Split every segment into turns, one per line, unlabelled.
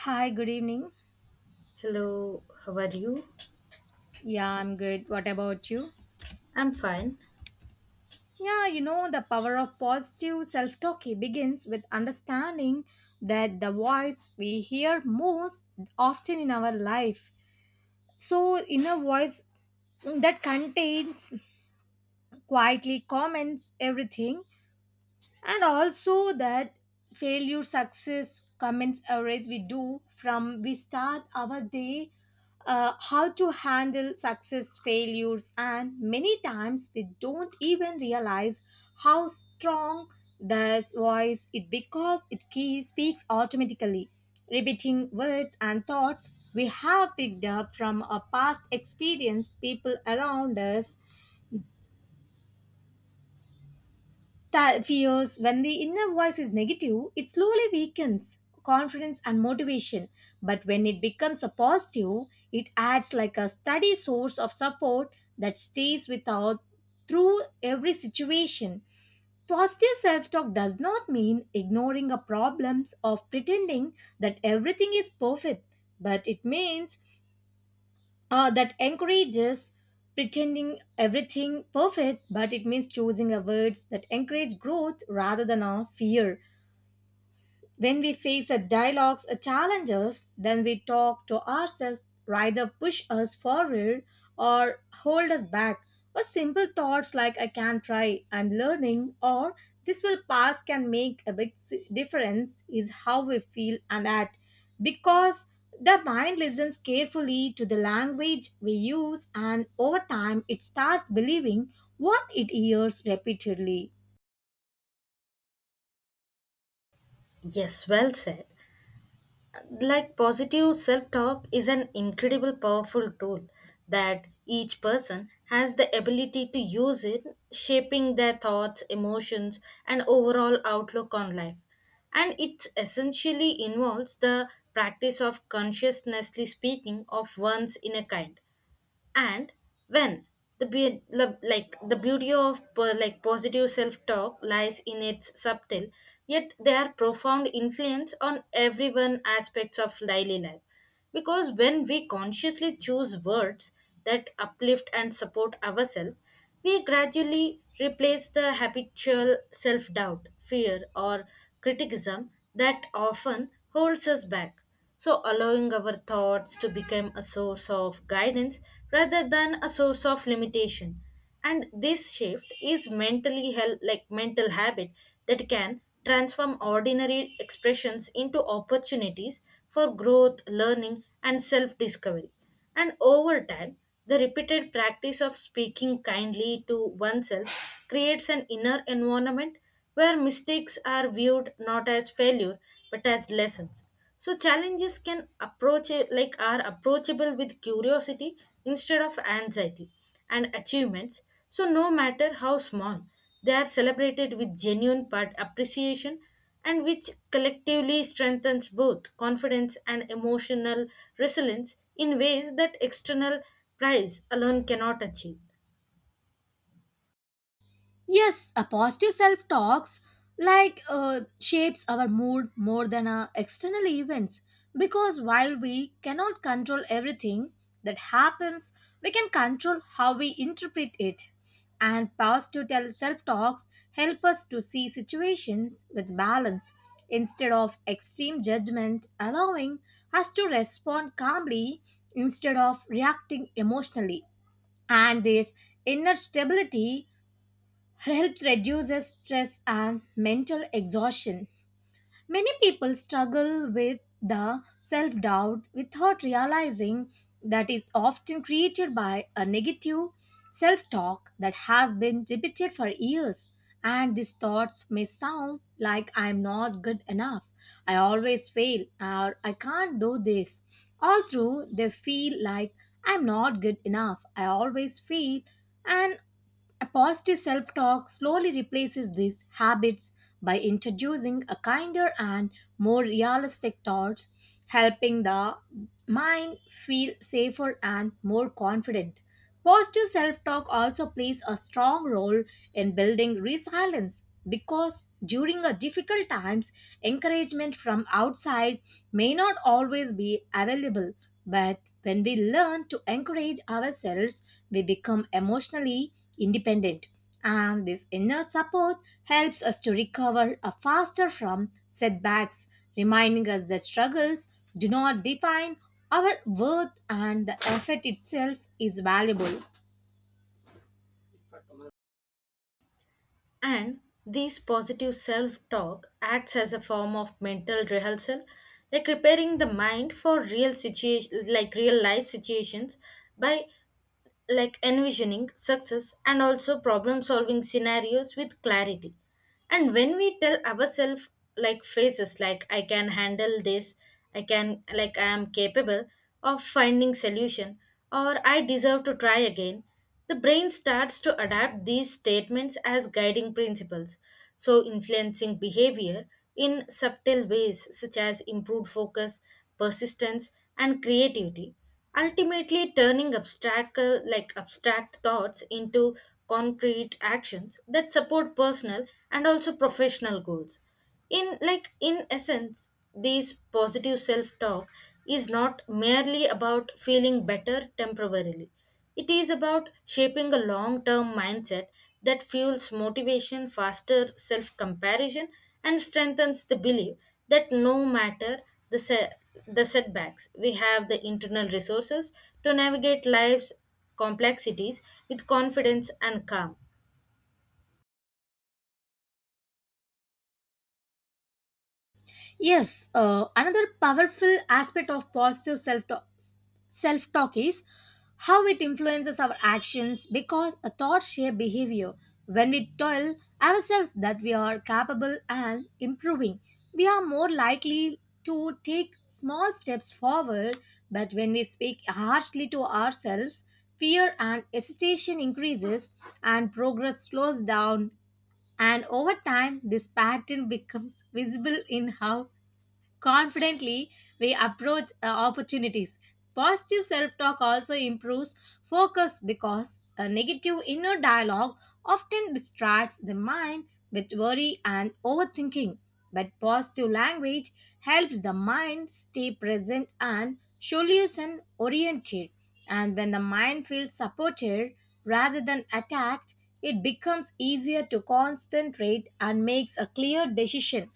Hi, good evening.
Hello, how are you?
Yeah, I'm good. What about you?
I'm fine.
Yeah, the power of positive self talk begins with understanding that the voice we hear most often in our life. So, inner voice that contains quietly comments everything and also that failure success comments array we do from we start our day, how to handle success failures, and many times we don't even realize how strong this voice it, because it key speaks automatically, repeating words and thoughts we have picked up from our past experience, people around us. That fears when the inner voice is negative, it slowly weakens confidence and motivation. But when it becomes a positive, it acts like a steady source of support that stays with us through every situation. Positive self talk does not mean ignoring our problems or pretending that everything is perfect, but it means, that encourages pretending everything perfect, but it means choosing a words that encourage growth rather than a fear. When we face a dialogues or challenges, then we talk to ourselves, rather push us forward or hold us back. Or simple thoughts like I can try, I'm learning, or this will pass can make a big difference is how we feel and act. Because the mind listens carefully to the language we use, and over time it starts believing what it hears repeatedly.
Yes, well said. Like positive self talk is an incredible powerful tool that each person has the ability to use it, shaping their thoughts, emotions, and overall outlook on life. And it essentially involves the practice of consciously speaking of one's inner kind. And when like the beauty of like positive self talk lies in its subtle yet their profound influence on everyone aspects of daily life, because when we consciously choose words that uplift and support ourselves, we gradually replace the habitual self doubt, fear, or criticism that often holds us back. So, allowing our thoughts to become a source of guidance rather than a source of limitation. And this shift is like mental habit that can transform ordinary expressions into opportunities for growth, learning, and self discovery. And over time, the repeated practice of speaking kindly to oneself creates an inner environment where mistakes are viewed not as failure but as lessons. So challenges can approach like are approachable with curiosity instead of anxiety and achievements. So no matter how small, they are celebrated with genuine part appreciation, and which collectively strengthens both confidence and emotional resilience in ways that external prize alone cannot achieve.
Yes, a positive self talks like shapes our mood more than our external events, because while we cannot control everything that happens, we can control how we interpret it. And positive self talks help us to see situations with balance instead of extreme judgment, allowing us to respond calmly instead of reacting emotionally. And this inner stability helps reduces stress and mental exhaustion. Many people struggle with the self doubt without realizing that is often created by a negative self talk that has been repeated for years. And these thoughts may sound like I'm not good enough, I always fail, or I can't do this. All through, they feel like I'm not good enough, I always fail, and a positive self talk slowly replaces these habits by introducing a kinder and more realistic thoughts, helping the mind feel safer and more confident. Positive self talk also plays a strong role in building resilience, because during a difficult times encouragement from outside may not always be available, but when we learn to encourage ourselves we become emotionally independent, and this inner support helps us to recover faster from setbacks, reminding us that struggles do not define our worth, and the effort itself is valuable.
And this positive self talk acts as a form of mental rehearsal, like preparing the mind for real situations, like real life situations, by like envisioning success and also problem solving scenarios with clarity. And when we tell ourselves like phrases like I can handle this, I can like I am capable of finding solution, or I deserve to try again, the brain starts to adapt these statements as guiding principles, so influencing behavior in subtle ways such as improved focus, persistence, and creativity, ultimately turning abstract like abstract thoughts into concrete actions that support personal and also professional goals, in like in essence, this positive self talk is not merely about feeling better temporarily. It is about shaping a long term mindset that fuels motivation faster self comparison and strengthens the belief that no matter the se- the setbacks, we have the internal resources to navigate life's complexities with confidence and calm.
Yes, another powerful aspect of positive self talk is how it influences our actions, because a thought shape behavior. When we tell ourselves that we are capable and improving, we are more likely to take small steps forward. But when we speak harshly to ourselves, fear and hesitation increases and progress slows down, and over time this pattern becomes visible in how confidently we approach opportunities. Positive self talk also improves focus, because a negative inner dialogue often distracts the mind with worry and overthinking. But positive language helps the mind stay present and solution oriented. And when the mind feels supported rather than attacked, it becomes easier to concentrate and makes a clear decision.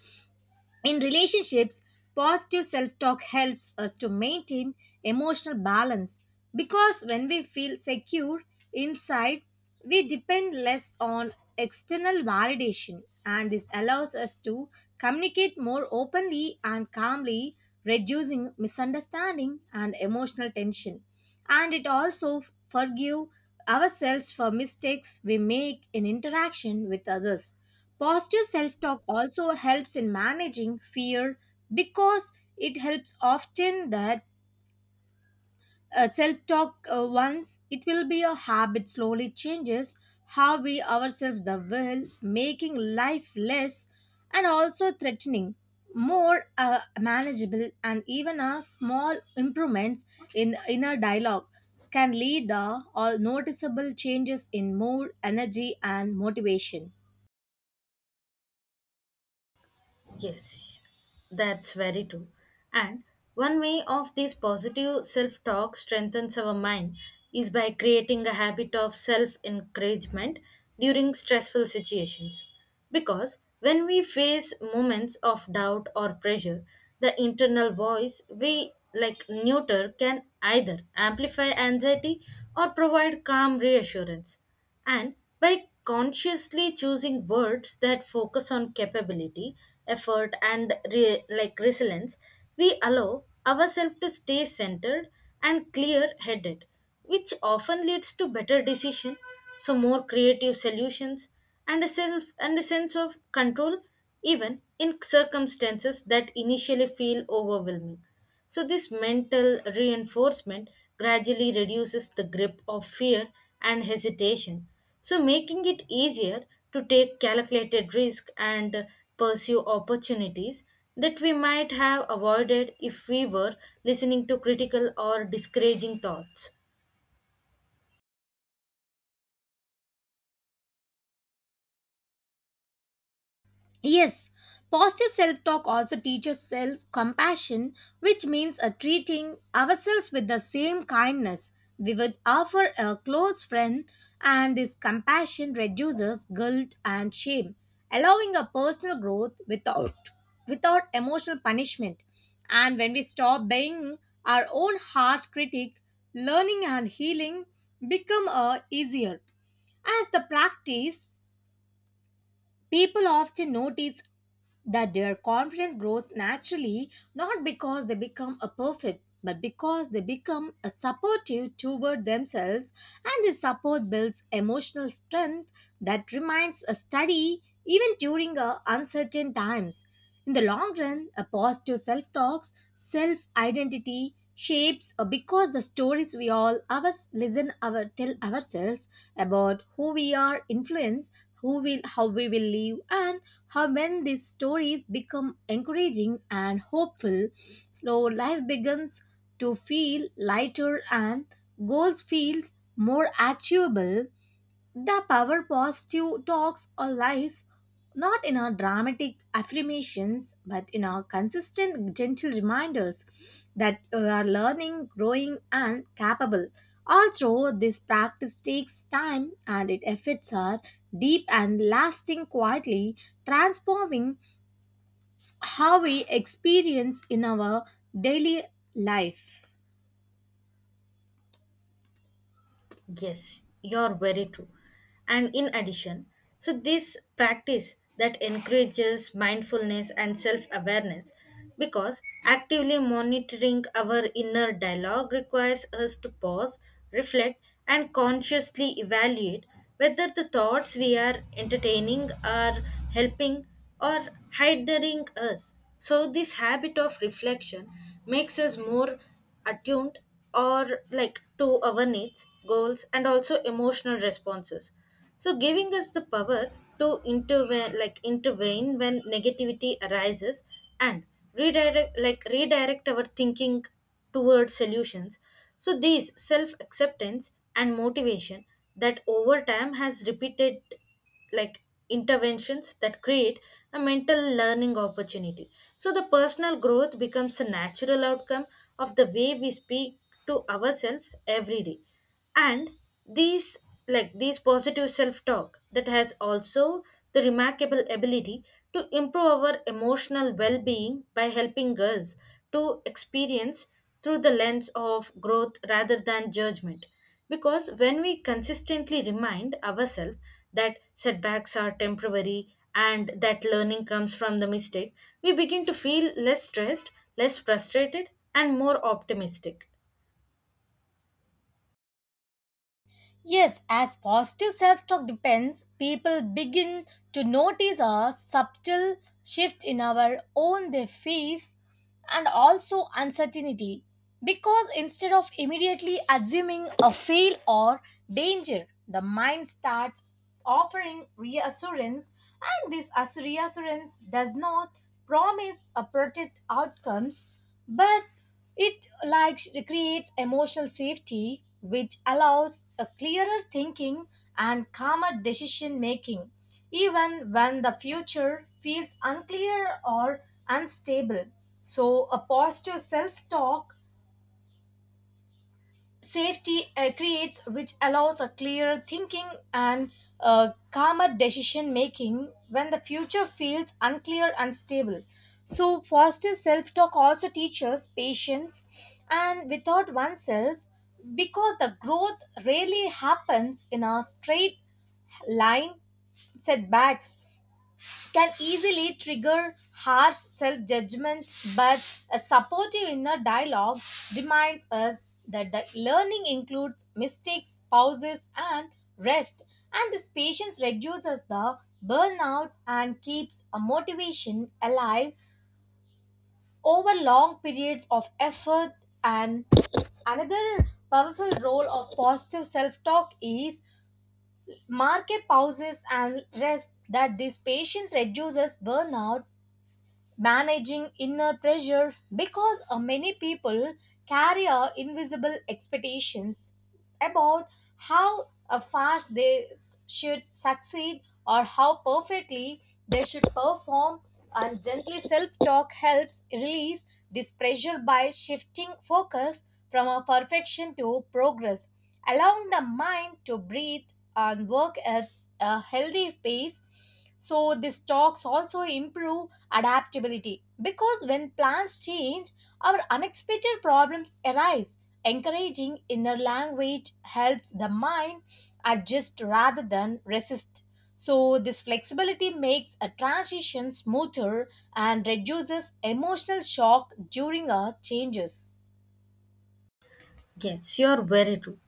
In relationships, positive self talk helps us to maintain emotional balance, because when we feel secure inside, we depend less on external validation, and this allows us to communicate more openly and calmly, reducing misunderstanding and emotional tension. And it also forgive ourselves for mistakes we make in interaction with others. Positive self talk also helps in managing fear, because it helps often that self talk once it will be a habit slowly changes how we ourselves the will, making life less and also threatening, more manageable. And even a small improvements in inner dialogue can lead the all noticeable changes in mood energy and motivation.
Yes, that's very true. And one way of this positive self talk strengthens our mind is by creating a habit of self encouragement during stressful situations. Because when we face moments of doubt or pressure, the internal voice we like neuter can either amplify anxiety or provide calm reassurance. And by consciously choosing words that focus on capability, effort, and like resilience, we allow ourselves to stay centered and clear-headed, which often leads to better decision, so more creative solutions, and a self and a sense of control, even in circumstances that initially feel overwhelming. So, this mental reinforcement gradually reduces the grip of fear and hesitation, so making it easier to take calculated risk and pursue opportunities that we might have avoided if we were listening to critical or discouraging thoughts.
Yes, positive self talk also teaches self compassion, which means treating ourselves with the same kindness we would offer a close friend, and this compassion reduces guilt and shame, allowing a personal growth without emotional punishment. And when we stop being our own harsh critic, learning and healing become easier. As the practice, people often notice that their confidence grows naturally, not because they become a perfect but because they become a supportive toward themselves, and this support builds emotional strength that remains a steady even during uncertain times. In the long run a positive self-talks self-identity shapes, because the stories we all ours listen our tell ourselves about who we are influence who will how we will live and how. When these stories become encouraging and hopeful, so life begins to feel lighter and goals feel more achievable. The power positive talks or lies not in our dramatic affirmations but in our consistent gentle reminders that we are learning, growing and capable. Although this practice takes time and its effects are deep and lasting quietly, transforming how we experience in our daily life.
Yes, you're very true. And in addition, so this practice that encourages mindfulness and self awareness, because actively monitoring our inner dialogue requires us to pause, reflect, and consciously evaluate whether the thoughts we are entertaining are helping or hindering us. So, this habit of reflection makes us more attuned or like to our needs, goals, and also emotional responses. So, giving us the power to intervene when negativity arises, and redirect our thinking towards solutions. So, these self acceptance and motivation that over time has repeated like interventions that create a mental learning opportunity, so the personal growth becomes a natural outcome of the way we speak to ourselves every day. And these like these positive self talk that has also the remarkable ability to improve our emotional well being by helping us to experience through the lens of growth rather than judgment, because when we consistently remind ourselves that setbacks are temporary and that learning comes from the mistake, we begin to feel less stressed, less frustrated, and more optimistic.
Yes, as positive self talk depends, people begin to notice a subtle shift in our own their face and also uncertainty, because instead of immediately assuming a fail or danger, the mind starts offering reassurance, and this reassurance does not promise a protect outcomes, but it like creates emotional safety, which allows a clearer thinking and calmer decision making, even when the future feels unclear or unstable. So, a positive self talk safety creates which allows a clearer thinking and calmer decision making when the future feels unclear and stable. So positive self-talk also teaches patience and without oneself, because the growth rarely happens in a straight line. Setbacks can easily trigger harsh self judgment, but a supportive inner dialogue reminds us that the learning includes mistakes, pauses, and rest, and this patience reduces the burnout and keeps a motivation alive over long periods of effort. And another powerful role of positive self-talk is market pauses and rest that this patience reduces burnout, managing inner pressure, because many people carry invisible expectations about how fast they should succeed or how perfectly they should perform. And gently self-talk helps release this pressure by shifting focus from a perfection to progress, allowing the mind to breathe and work at a healthy pace. So these talks also improve adaptability, because when plans change our unexpected problems arise, encouraging inner language helps the mind adjust rather than resist. So, this flexibility makes a transition smoother and reduces emotional shock during our changes.
Yes, you're very true.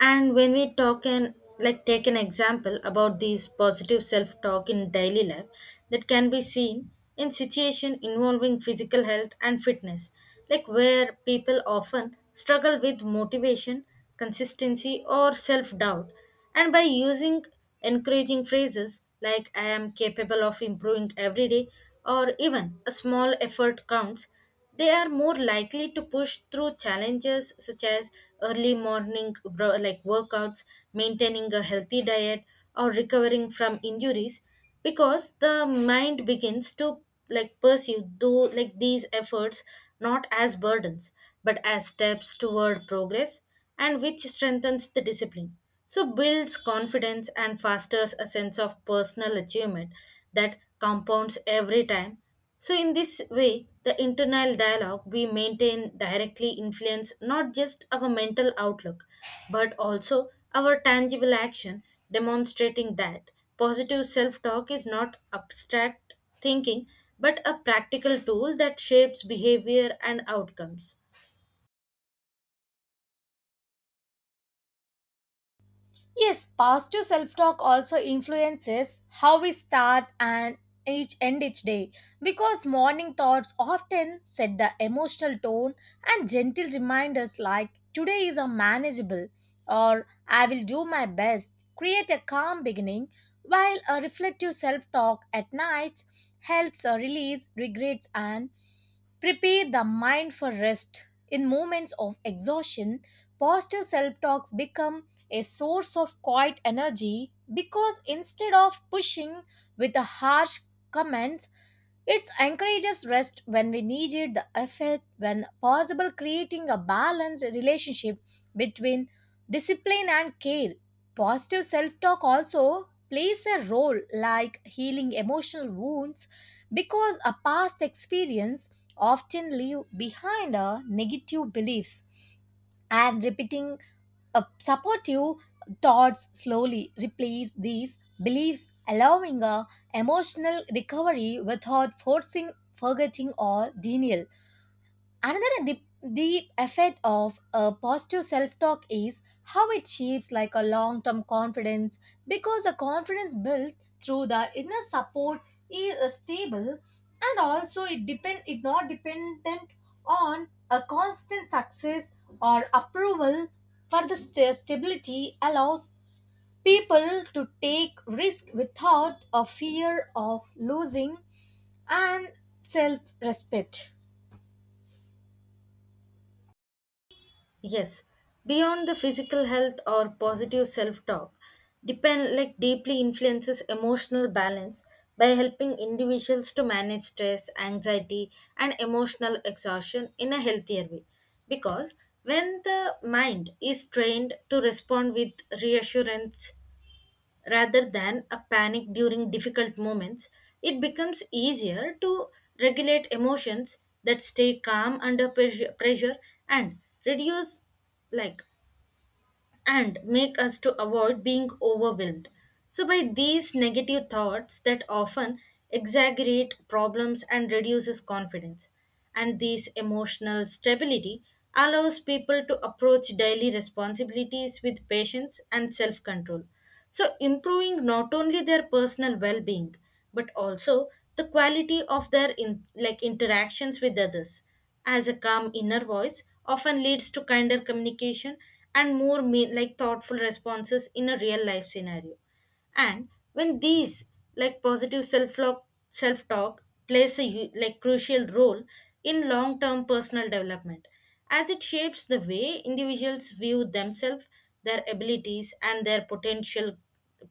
And when we talk and like take an example about these positive self-talk in daily life, that can be seen in situation involving physical health and fitness, like where people often struggle with motivation, consistency, or self-doubt. And by using encouraging phrases like "I am capable of improving every day" or "even a small effort counts," they are more likely to push through challenges such as early morning like workouts, maintaining a healthy diet, or recovering from injuries, because the mind begins to like pursue though like these efforts not as burdens but as steps toward progress, and which strengthens the discipline, so builds confidence and fosters a sense of personal achievement that compounds every time. So, in this way, the internal dialogue we maintain directly influence not just our mental outlook, but also our tangible action, demonstrating that positive self talk is not abstract thinking, but a practical tool that shapes behavior and outcomes.
Yes, positive self talk also influences how we start and each end each day, because morning thoughts often set the emotional tone, and gentle reminders like today is a manageable or I will do my best create a calm beginning, while a reflective self talk at night helps release regrets and prepare the mind for rest. In moments of exhaustion, positive self talks become a source of quiet energy, because instead of pushing with the harsh comments, it encourages rest when we need it, the effort when possible, creating a balanced relationship between discipline and care. Positive self talk also plays a role like healing emotional wounds, because a past experience often leave behind a negative beliefs, and repeating supportive thoughts slowly replace these beliefs, allowing a emotional recovery without forcing, forgetting, or denial. Another deep, deep effect of a positive self-talk is how it shapes like a long-term confidence, because the confidence built through the inner support is stable, and also it depend it not dependent on a constant success or approval. For the stability allows people to take risk without a fear of losing and self-respect.
Yes, beyond the physical health or positive self talk, depend like deeply influences emotional balance by helping individuals to manage stress, anxiety, and emotional exhaustion in a healthier way. Because when the mind is trained to respond with reassurance rather than a panic during difficult moments, it becomes easier to regulate emotions that stay calm under pressure, and reduce like and make us to avoid being overwhelmed so by these negative thoughts that often exaggerate problems and reduces confidence. And this emotional stability allows people to approach daily responsibilities with patience and self control, so improving not only their personal well being, but also the quality of their like interactions with others, as a calm inner voice often leads to kinder communication and more like thoughtful responses in a real life scenario. And when these like positive self talk plays a like crucial role in long term personal development, as it shapes the way individuals view themselves, their abilities, and their potential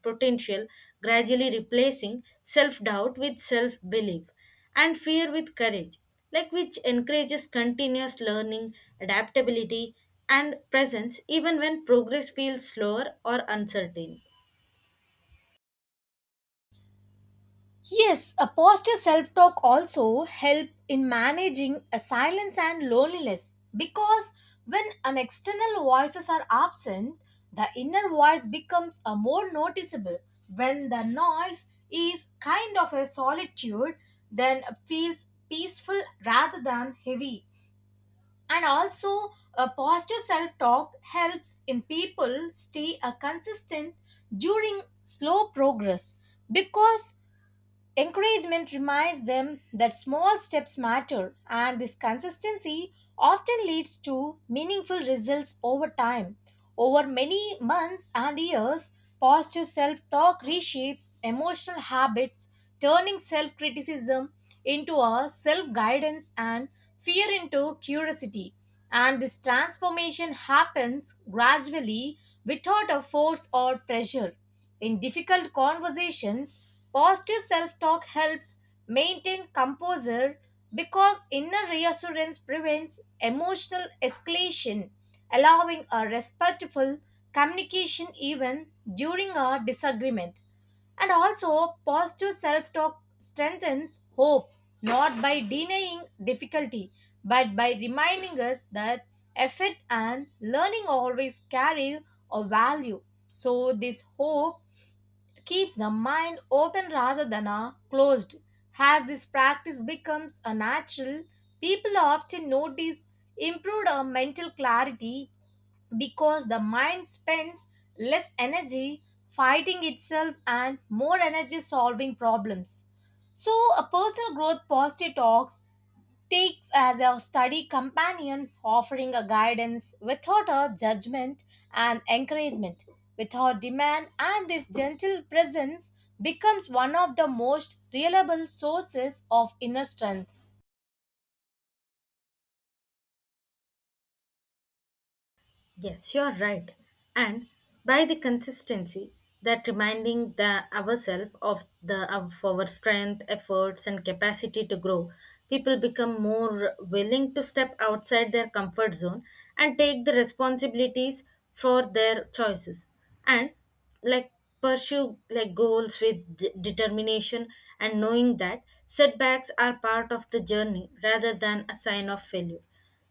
potential gradually replacing self doubt with self belief and fear with courage, like which encourages continuous learning, adaptability, and presence even when progress feels slower or uncertain.
Yes, a positive self talk also help in managing a silence and loneliness, because when an external voices are absent, the inner voice becomes a more noticeable. When the noise is kind of a solitude, then feels peaceful rather than heavy. And also, a positive self talk helps in people stay a consistent during slow progress, because encouragement reminds them that small steps matter, and this consistency often leads to meaningful results over time. Over many months and years, positive self talk reshapes emotional habits, turning self criticism into a self guidance and fear into curiosity. And this transformation happens gradually without a force or pressure. In difficult conversations, positive self talk helps maintain composure, because inner reassurance prevents emotional escalation, allowing a respectful communication even during a disagreement. And also, positive self talk strengthens hope not by denying difficulty, but by reminding us that effort and learning always carry a value. So, this hope keeps the mind open rather than closed. As this practice becomes a natural, people often notice improved mental clarity, because the mind spends less energy fighting itself and more energy solving problems. So, a personal growth positive talks takes as a study companion, offering a guidance without a judgment and encouragement. Without demand, and this gentle presence becomes one of the most reliable sources of inner strength.
Yes, you're right. And by the consistency, that reminding the ourselves of the of our strength, efforts, and capacity to grow, people become more willing to step outside their comfort zone and take the responsibilities for their choices. And like pursue like goals with determination, and knowing that setbacks are part of the journey rather than a sign of failure.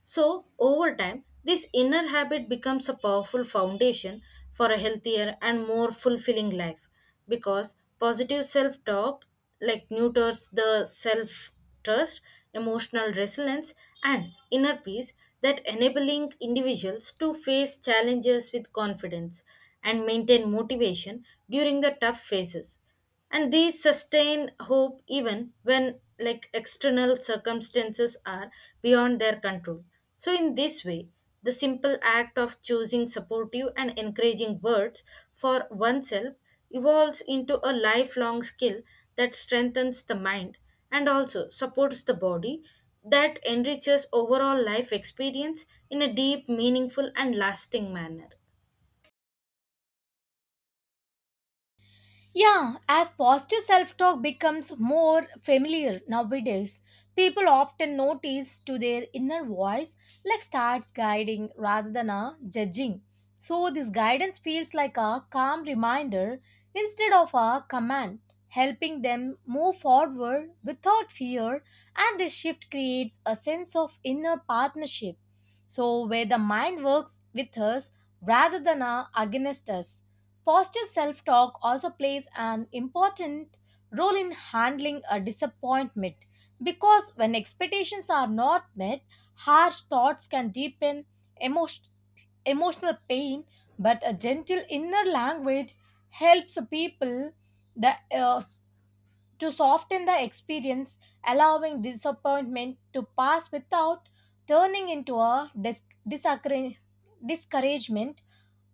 So, over time, this inner habit becomes a powerful foundation for a healthier and more fulfilling life, because positive self talk like nurtures the self trust, emotional resilience, and inner peace, that enabling individuals to face challenges with confidence and maintain motivation during the tough phases, and these sustain hope even when like external circumstances are beyond their control. So in this way, the simple act of choosing supportive and encouraging words for oneself evolves into a lifelong skill that strengthens the mind and also supports the body, that enriches overall life experience in a deep, meaningful, and lasting manner.
Yeah, as positive self talk becomes more familiar nowadays, people often notice to their inner voice like starts guiding rather than a judging. So this guidance feels like a calm reminder instead of a command, helping them move forward without fear, and this shift creates a sense of inner partnership. So where the mind works with us rather than a against us. Positive self talk also plays an important role in handling a disappointment, because when expectations are not met, harsh thoughts can deepen emotion, emotional pain, but a gentle inner language helps people the, uh, to soften the experience, allowing disappointment to pass without turning into a discouragement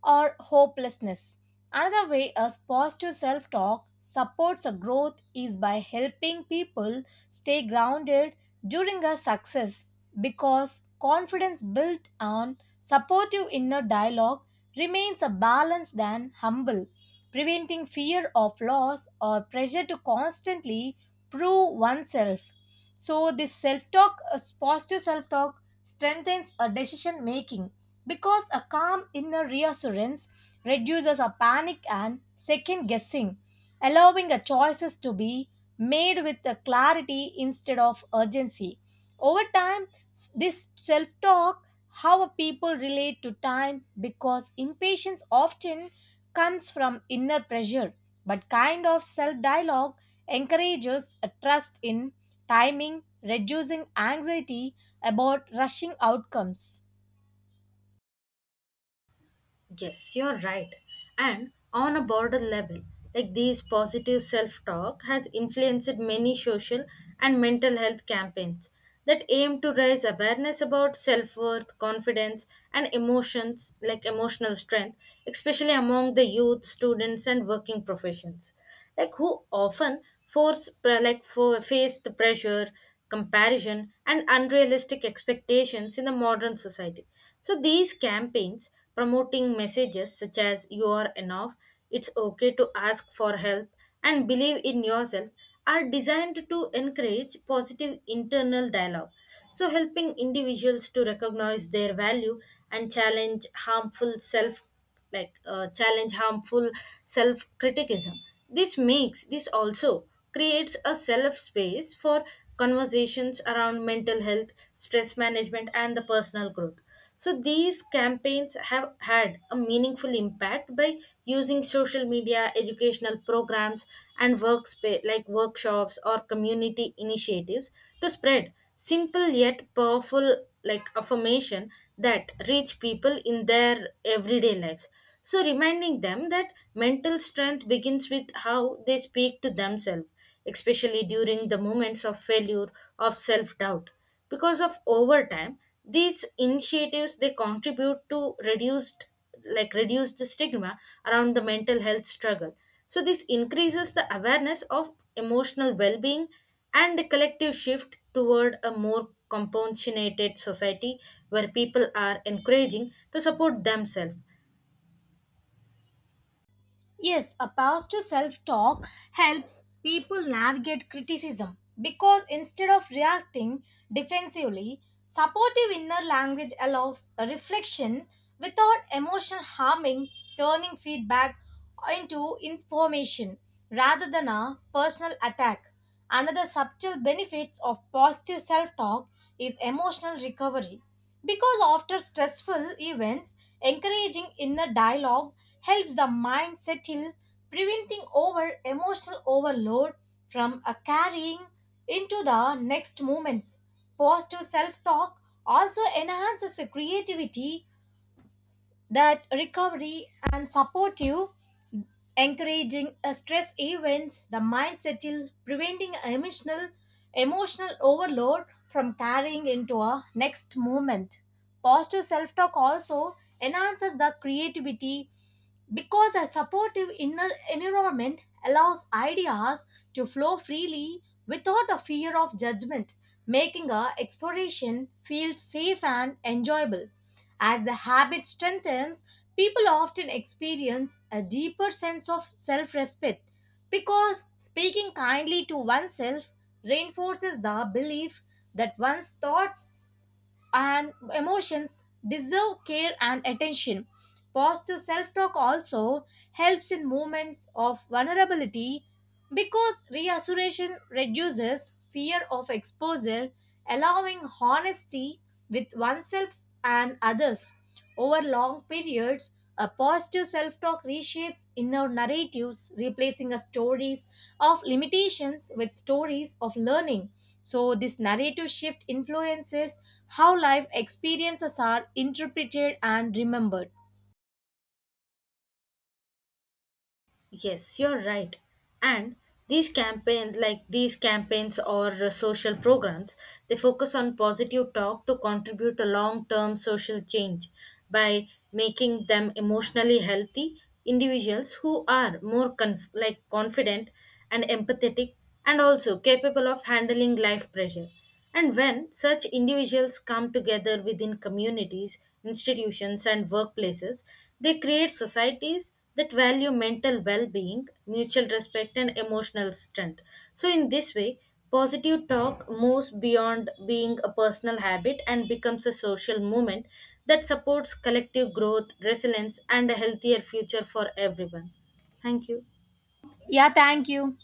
or hopelessness. Another way a positive self talk supports a growth is by helping people stay grounded during a success, because confidence built on supportive inner dialogue remains a balanced and humble, preventing fear of loss or pressure to constantly prove oneself. So, positive self talk strengthens a decision making, because a calm inner reassurance reduces our panic and second guessing, allowing our choices to be made with a clarity instead of urgency. Over time, this self talk, how people relate to time, because impatience often comes from inner pressure, but kind of self dialogue encourages a trust in timing, reducing anxiety about rushing outcomes.
Yes, you're right. And on a broader level, like these positive self talk has influenced many social and mental health campaigns that aim to raise awareness about self worth, confidence, and emotions like emotional strength, especially among the youth, students, and working professions. Like who often force pre- like for face the pressure, comparison, and unrealistic expectations in the modern society. So these campaigns promoting messages such as "you are enough," "it's okay to ask for help," and "believe in yourself" are designed to encourage positive internal dialogue. So helping individuals to recognize their value and challenge harmful self criticism. This also creates a self space for conversations around mental health, stress management, and the personal growth. So these campaigns have had a meaningful impact by using social media, educational programs, and workspace like workshops or community initiatives to spread simple yet powerful like affirmation that reach people in their everyday lives, so reminding them that mental strength begins with how they speak to themselves, especially during the moments of failure, of self doubt, because of overtime these initiatives they contribute to reduced stigma around the mental health struggle. So this increases the awareness of emotional well-being and the collective shift toward a more compassionate society where people are encouraging to support themselves.
Yes, a positive self talk helps people navigate criticism, because instead of reacting defensively, supportive inner language allows a reflection without emotional harming, turning feedback into information rather than a personal attack. Another subtle benefits of positive self talk is emotional recovery, because after stressful events, encouraging inner dialogue helps the mind settle, preventing over emotional overload from a carrying into the next moments. Positive self talk also enhances the creativity that recovery and supportive encouraging a stress events the mind settle preventing emotional overload from carrying into a next movement. Positive self-talk also enhances the creativity, because a supportive inner environment allows ideas to flow freely without a fear of judgment, making a exploration feel safe and enjoyable. As the habit strengthens, people often experience a deeper sense of self respect, because speaking kindly to oneself reinforces the belief that one's thoughts and emotions deserve care and attention. Positive self talk also helps in moments of vulnerability, because reassuration reduces fear of exposure, allowing honesty with oneself and others. Over long periods, a positive self talk reshapes inner narratives, replacing a stories of limitations with stories of learning. So, this narrative shift influences how life experiences are interpreted and remembered.
Yes, you're right. And these campaigns like these campaigns or social programs, they focus on positive talk to contribute to long term social change by making them emotionally healthy individuals who are more like confident and empathetic and also capable of handling life pressure. And when such individuals come together within communities, institutions, and workplaces, they create societies that value mental well being, mutual respect, and emotional strength. So, in this way, positive talk moves beyond being a personal habit and becomes a social movement that supports collective growth, resilience, and a healthier future for everyone. Thank you.
Yeah, thank you.